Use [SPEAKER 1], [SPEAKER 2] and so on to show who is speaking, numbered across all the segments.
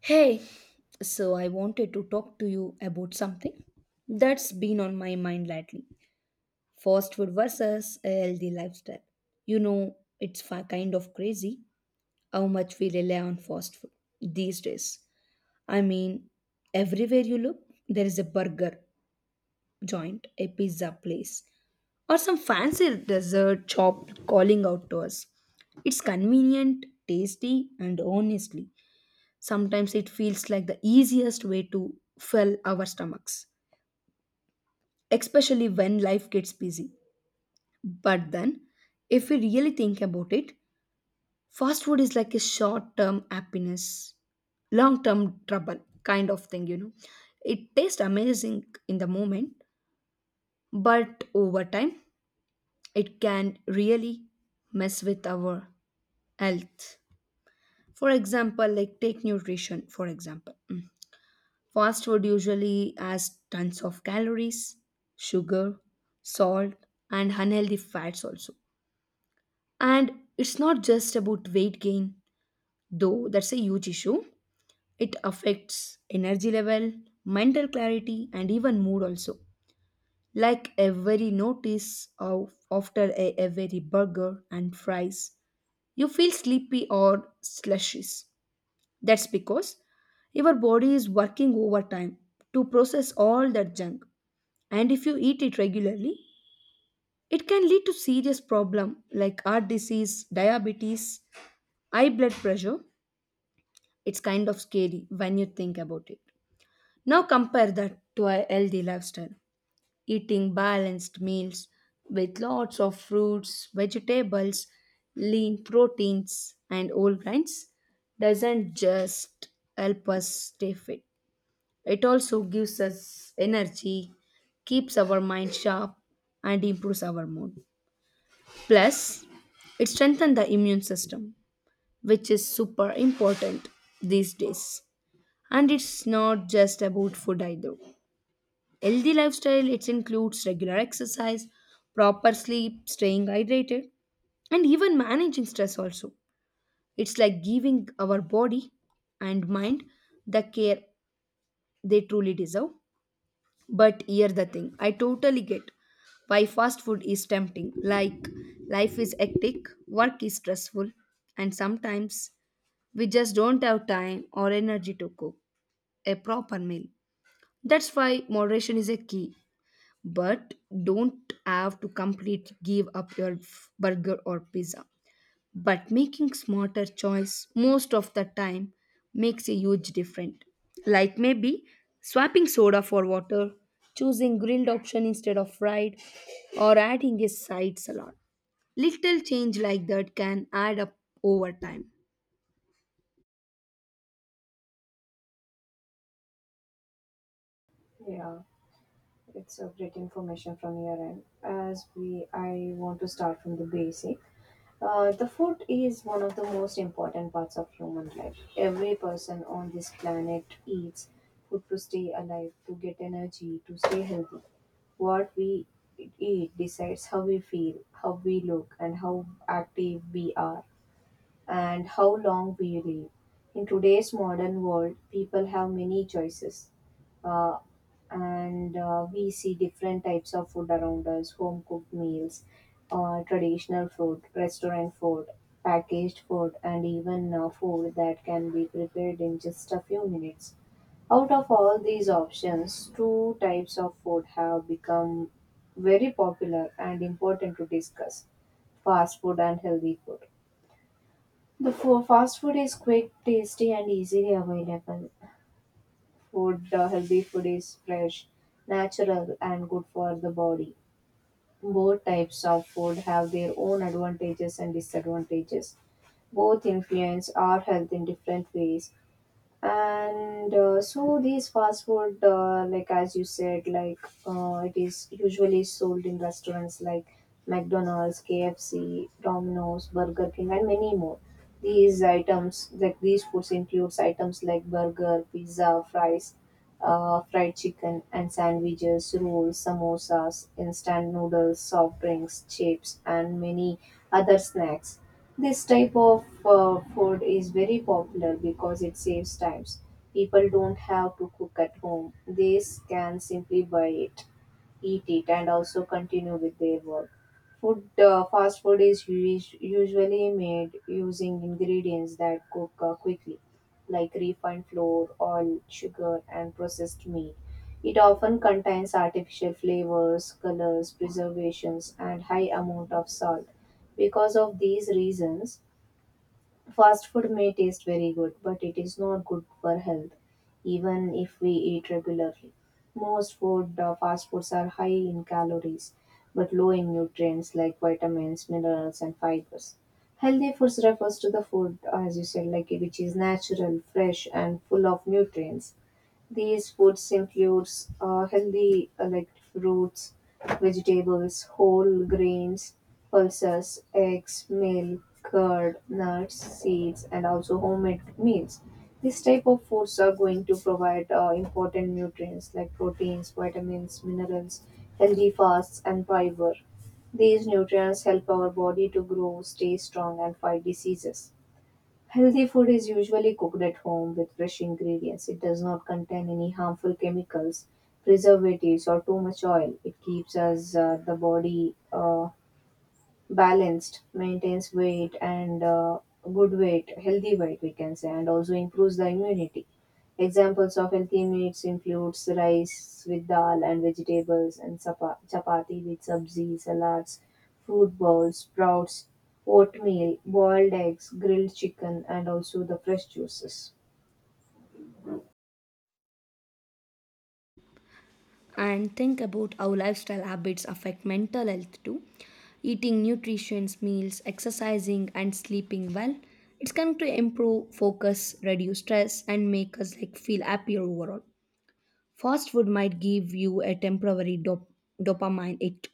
[SPEAKER 1] Hey, so I wanted to talk to you about something that's been on my mind lately. Fast food versus a healthy lifestyle. You know, kind of crazy how much we rely on fast food these days. I mean, everywhere you look, there is a burger joint, a pizza place, or some fancy dessert shop calling out to us. It's convenient, tasty, and honestly, sometimes it feels like the easiest way to fill our stomachs, especially when life gets busy. But then, if we really think about it, fast food is like a short term happiness, long term trouble kind of thing, you know. It tastes amazing in the moment, but over time, it can really mess with our health. For example, like take nutrition, for example. Mm. Fast food usually has tons of calories, sugar, salt, and unhealthy fats also. And it's not just about weight gain, though that's a huge issue. It affects energy level, mental clarity, and even mood also. Like every notice of after a every burger and fries, you feel sleepy or slushies. That's because your body is working overtime to process all that junk, and if you eat it regularly, it can lead to serious problem like heart disease, diabetes, high blood pressure. It's kind of scary when you think about it. Now compare that to a healthy lifestyle. Eating balanced meals with lots of fruits, vegetables, lean proteins, and whole grains doesn't just help us stay fit, it also gives us energy, keeps our mind sharp, and improves our mood. Plus, it strengthens the immune system, which is super important these days. And it's not just about food either. Healthy lifestyle it includes regular exercise, proper sleep, staying hydrated, and even managing stress also. It's like giving our body and mind the care they truly deserve. But here the thing, I totally get why fast food is tempting. Like, life is hectic, work is stressful, and sometimes we just don't have time or energy to cook a proper meal. That's why moderation is a key. But don't have to completely give up burger or pizza, but making smarter choice most of the time makes a huge difference. Like maybe swapping soda for water, choosing grilled option instead of fried, or adding a side salad. Little change like that can add up over time,
[SPEAKER 2] Yeah, it's a great information from your end. As we, I want to start from the basic. The food is one of the most important parts of human life. Every person on this planet eats food to stay alive, to get energy, to stay healthy. What we eat decides how we feel, how we look, and how active we are and how long we live. In today's modern world, people have many choices. Uh, and We see different types of food around us: home cooked meals, traditional food, restaurant food, packaged food, and even food that can be prepared in just a few minutes. Out of all these options, two types of food have become very popular and important to discuss: fast food and healthy food. Fast food is quick, tasty, and easily available. Healthy food is fresh, natural, and good for the body. Both types of food have their own advantages and disadvantages. Both influence our health in different ways, and so these fast food, like as you said, like it is usually sold in restaurants like McDonald's, KFC, Domino's, Burger King, and many more. These items, like these foods, includes items like burger, pizza, fries, fried chicken, and sandwiches, rolls, samosas, instant noodles, soft drinks, chips, and many other snacks. This type of food is very popular because it saves times. People don't have to cook at home. They can simply buy it, eat it, and also continue with their work. Fast food is usually made using ingredients that cook quickly, like refined flour, oil, sugar, and processed meat. It often contains artificial flavors, colors, preservations, and high amount of salt. Because of these reasons, fast food may taste very good, but it is not good for health, even if we eat regularly. Most fast foods are high in calories, but low in nutrients like vitamins, minerals, and fibers. Healthy foods refers to the food, as you said, like which is natural, fresh, and full of nutrients. These foods includes healthy like fruits, vegetables, whole grains, pulses, eggs, milk, curd, nuts, seeds, and also homemade meals. This type of foods are going to provide important nutrients like proteins, vitamins, minerals, healthy fats, and fiber. These nutrients help our body to grow, stay strong, and fight diseases. Healthy food is usually cooked at home with fresh ingredients. It does not contain any harmful chemicals, preservatives, or too much oil. It keeps us the body balanced, maintains weight and good weight, healthy weight, we can say, and also improves the immunity. Examples of healthy meats includes rice with dal and vegetables, and chapati with sabzi, salads, fruit bowls, sprouts, oatmeal, boiled eggs, grilled chicken, and also the fresh juices.
[SPEAKER 1] and think about how lifestyle habits affect mental health too. Eating nutritious meals, exercising, and sleeping well, it's going to improve focus, reduce stress, and make us like feel happier overall. Fast food might give you a dopamine hit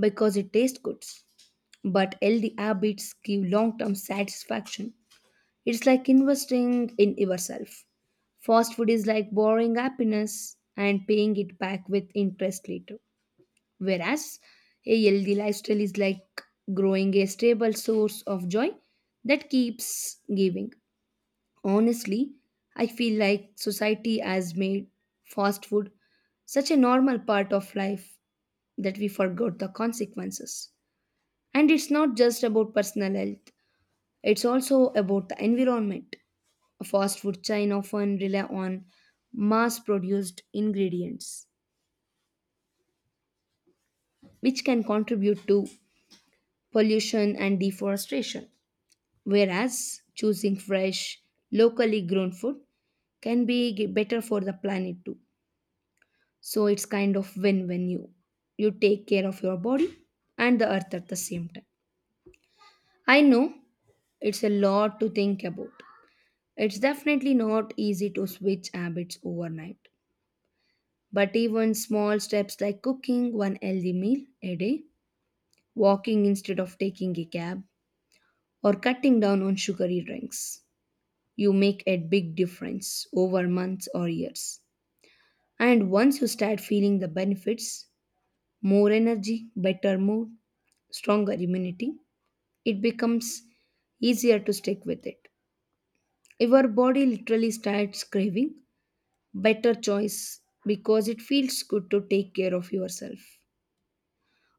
[SPEAKER 1] because it tastes good, but healthy habits give long term satisfaction. It's like investing in yourself. Fast food is like borrowing happiness and paying it back with interest later. Whereas a healthy lifestyle is like growing a stable source of joy that keeps giving. Honestly, I feel like society has made fast food such a normal part of life that we forgot the consequences. And it's not just about personal health, it's also about the environment. A fast food chain often rely on mass produced ingredients, which can contribute to pollution and deforestation. Whereas choosing fresh, locally grown food better for the planet too. So it's kind of win when you take care of your body and the earth at the same time. I know it's a lot to think about. It's definitely not easy to switch habits overnight, but even small steps like cooking one healthy meal a day, walking instead of taking a cab, or cutting down on sugary drinks, you make a big difference over months or years. And once you start feeling the benefits, more energy, better mood, stronger immunity, it becomes easier to stick with it. Your body literally starts craving better choice because it feels good to take care of yourself.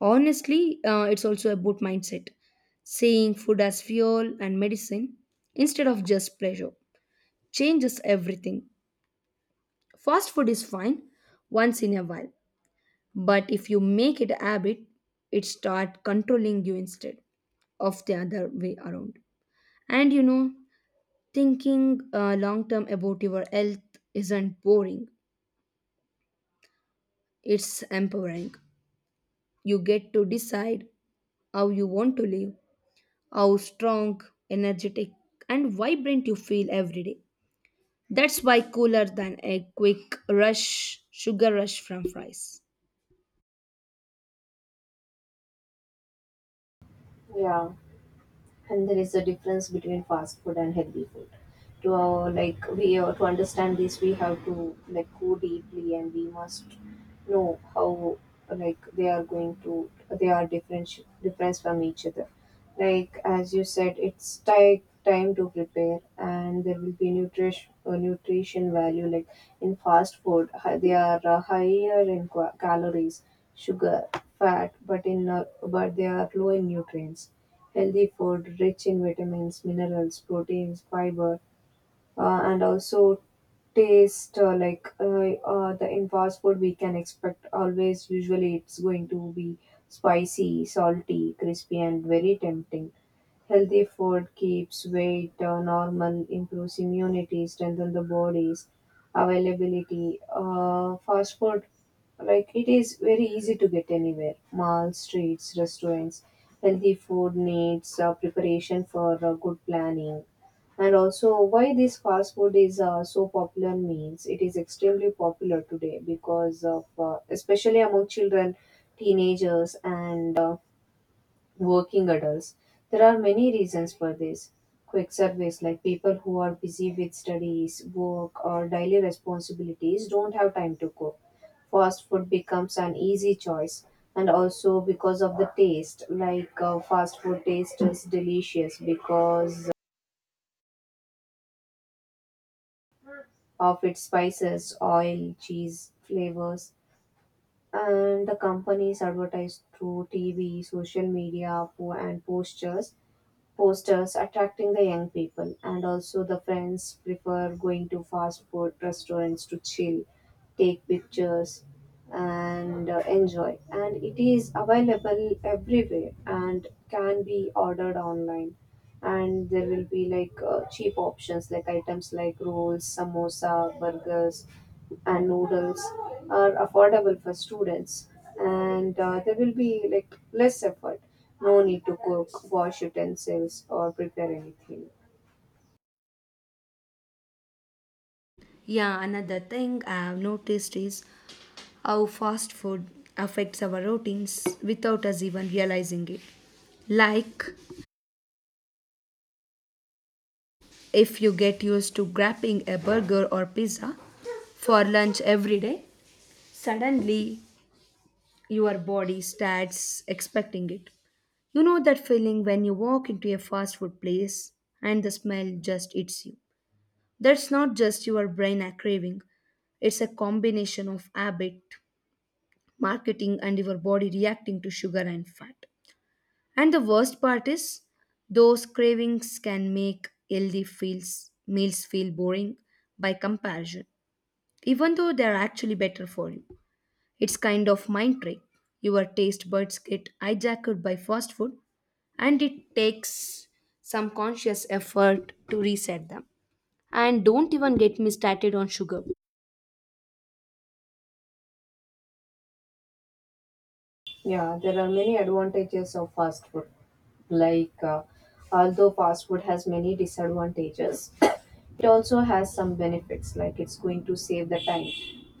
[SPEAKER 1] Honestly, it's also about mindset. Seeing food as fuel and medicine instead of just pleasure changes everything. Fast food is fine once in a while, but if you make it a habit, it start controlling you instead of the other way around. And you know, thinking long term about your health isn't boring, it's empowering. You get to decide how you want to live, how strong, energetic, and vibrant you feel every day. That's why cooler than a quick rush, sugar rush from fries.
[SPEAKER 2] Yeah, and there is a difference between fast food and healthy food. To like we to understand this, we have to like go deeply and we must know how like they are going to, they are different, difference from each other, like as you said. It's take time to prepare and there will be nutrition value, like in fast food, they are higher in calories, sugar, fat, but they are low in nutrients. Healthy food rich in vitamins, minerals, proteins, fiber, and also taste. The in fast food, we can expect always. Usually, it's going to be spicy, salty, crispy, and very tempting. Healthy food keeps weight normal, improves immunity, strengthens the body's availability. Fast food, like it is very easy to get anywhere. Malls, streets, restaurants. Healthy food needs preparation for good planning. And also, why this fast food is so popular means it is extremely popular today because of, especially among children, teenagers, and working adults. There are many reasons for this. Quick surveys, like people who are busy with studies, work, or daily responsibilities don't have time to cook. Fast food becomes an easy choice, and also because of the taste, like fast food taste is delicious because of its spices, oil, cheese flavors, and the companies advertise through TV, social media, and posters attracting the young people, and also the friends prefer going to fast food restaurants to chill, take pictures, and enjoy. And it is available everywhere and can be ordered online. And there will be like cheap options, like items like rolls, samosa, burgers, and noodles are affordable for students, and there will be like less effort, no need to cook, wash utensils, or prepare anything.
[SPEAKER 1] Yeah, another thing I've noticed is how fast food affects our routines without us even realizing it. Like if you get used to grabbing a burger or pizza for lunch every day, suddenly your body starts expecting it. You know that feeling when you walk into a fast food place and the smell just eats you. That's not just your brain craving, it's a combination of habit, marketing, and your body reacting to sugar and fat. And the worst part is, those cravings can make meals feel boring by comparison, even though they are actually better for you. It's kind of mind trick. Your taste buds get hijacked by fast food, and it takes some conscious effort to reset them. And don't even get me started on sugar.
[SPEAKER 2] Yeah, there are many advantages of fast food. Like, uh, Although fast food has many disadvantages, it also has some benefits. Like, it's going to save the time.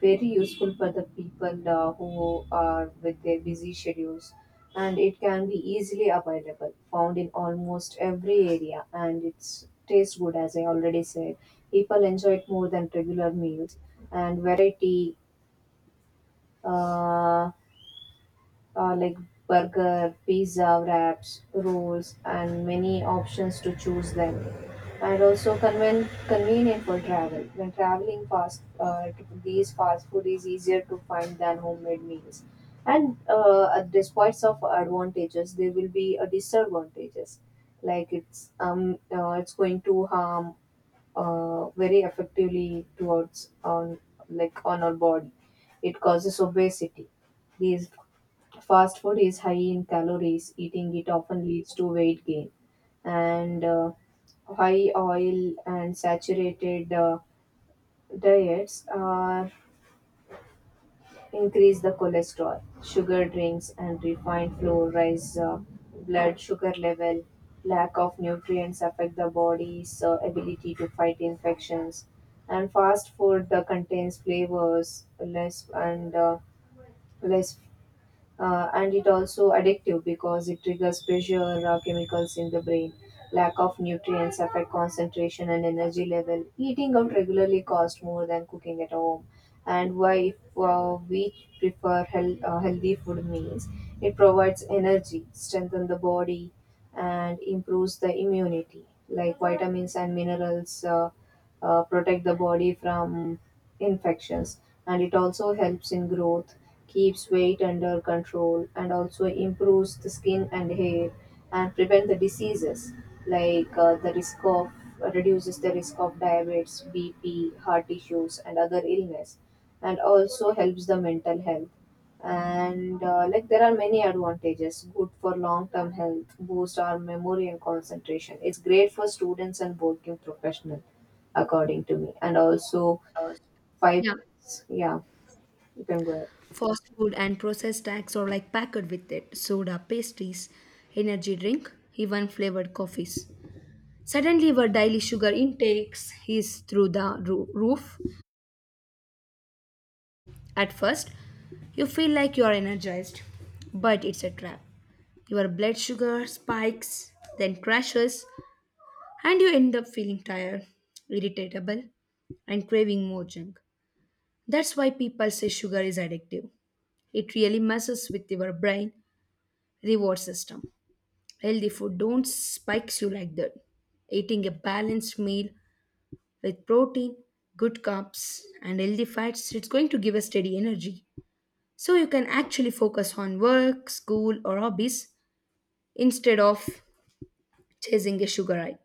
[SPEAKER 2] Very useful for the people who are with their busy schedules. And it can be easily available, found in almost every area. And it's tastes good, as I already said. People enjoy it more than regular meals. And variety. Uh, like burger, pizza, wraps, rolls, and many options to choose them. And also convenient for travel. When traveling fast, to these fast food is easier to find than homemade meals. And Despite of advantages, there will be a disadvantages. Like it's going to harm very effectively towards on like on our body. It causes obesity. These, fast food is high in calories. Eating it often leads to weight gain. And high oil and saturated diets are increase the cholesterol. Sugar drinks and refined flour raise blood sugar level. Lack of nutrients affect the body's ability to fight infections. And fast food contains flavors, less less and it also addictive because it triggers pressure chemicals in the brain. Lack of nutrients affect concentration and energy level. Eating out regularly costs more than cooking at home. And why if, we prefer healthy food means it provides energy, strengthens the body, and improves the immunity. Like vitamins and minerals protect the body from infections, and it also helps in growth, keeps weight under control, and also improves the skin and hair, and prevent the diseases, like the risk of reduces the risk of diabetes, BP, heart issues, and other illness, and also helps the mental health. And Like there are many advantages, good for long term health, boost our memory and concentration. It's great for students and working professional, according to me. And also, five.
[SPEAKER 1] Yeah,
[SPEAKER 2] Yeah, you can go ahead.
[SPEAKER 1] fast food and processed snacks are like packed with it. Soda, pastries, energy drink, even flavored coffees. Suddenly, our daily sugar intakes is through the roof. At first, you feel like you are energized, but it's a trap. Your blood sugar spikes, then crashes, and you end up feeling tired, irritable, and craving more junk. That's why people say sugar is addictive. It really messes with your brain reward system. Healthy food don't spikes you like that. Eating a balanced meal with protein, good carbs, and healthy fats, it's going to give a steady energy. So you can actually focus on work, school, or hobbies instead of chasing a sugar high.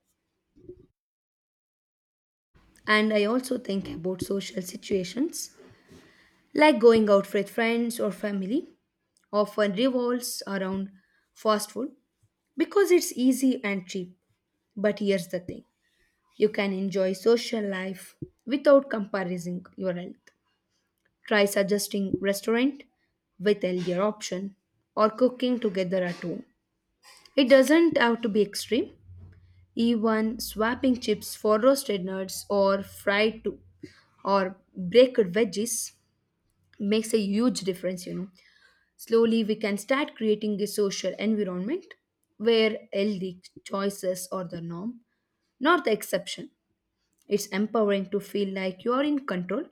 [SPEAKER 1] And I also think about social situations. Like going out with friends or family often revolves around fast food because it's easy and cheap. But here's the thing, you can enjoy social life without compromising your health. Try suggesting restaurant with healthier option or cooking together at home. It doesn't have to be extreme. Even swapping chips for roasted nuts or fried to or baked veggies makes a huge difference, you know. Slowly we can start creating a social environment where healthy choices are the norm, not the exception. It's empowering to feel like you're in control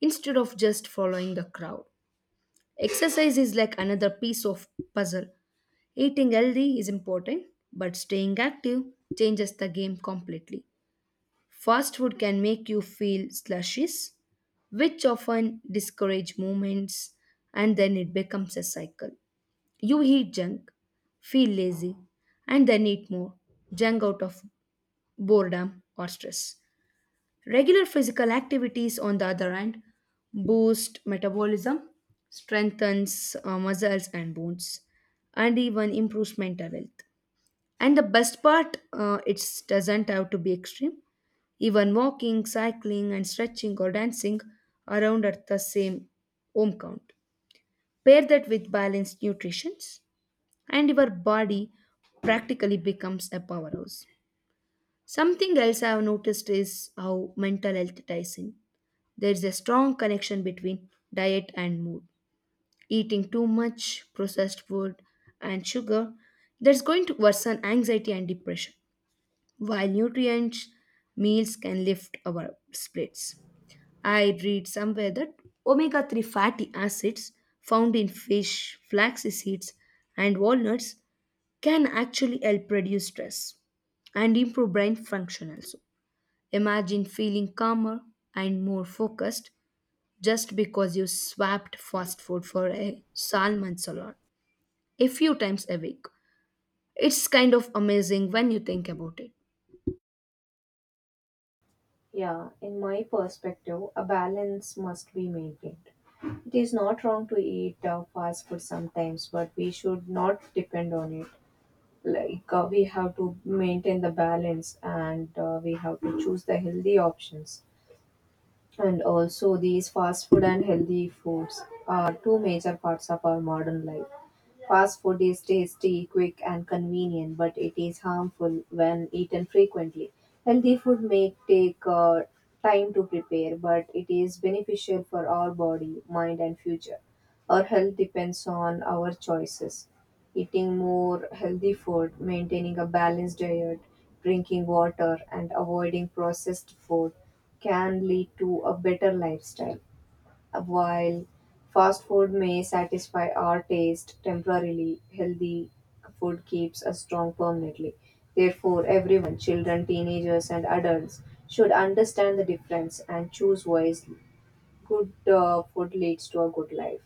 [SPEAKER 1] instead of just following the crowd. Exercise is like another piece of puzzle. Eating healthy is important, but staying active changes the game completely. Fast food can make you feel slushies, which often discourage movements, and then it becomes a cycle. You eat junk, feel lazy, and then eat more junk out of boredom or stress. Regular physical activities, on the other hand, boost metabolism, strengthens muscles and bones, and even improves mental health. And the best part, it doesn't have to be extreme. Even walking, cycling, and stretching or dancing around at the same home count. Pair that with balanced nutrition, and your body practically becomes a powerhouse. Something else I have noticed is how mental health ties in. There is a strong connection between diet and mood. Eating too much processed food and sugar, that's going to worsen anxiety and depression, while nutrient meals can lift our spirits. I read somewhere that omega 3 fatty acids found in fish, flax seeds, and walnuts can actually help reduce stress and improve brain function also. Imagine feeling calmer and more focused just because you swapped fast food for a salmon salad a few times a week. It's kind of amazing when you think about it.
[SPEAKER 2] Yeah, in my perspective, a balance must be maintained. It is not wrong to eat fast food sometimes, but we should not depend on it. We have to maintain the balance, and we have to choose the healthy options. And also, these fast food and healthy foods are two major parts of our modern life. Fast food is tasty, quick, and convenient, but it is harmful when eaten frequently. Healthy food may take time to prepare, but it is beneficial for our body, mind, and future. Our health depends on our choices. Eating more healthy food, maintaining a balanced diet, drinking water, and avoiding processed food can lead to a better lifestyle. While fast food may satisfy our taste temporarily, healthy food keeps us strong permanently. Therefore, everyone, children, teenagers, and adults, should understand the difference and choose wisely. Good food leads to a good life.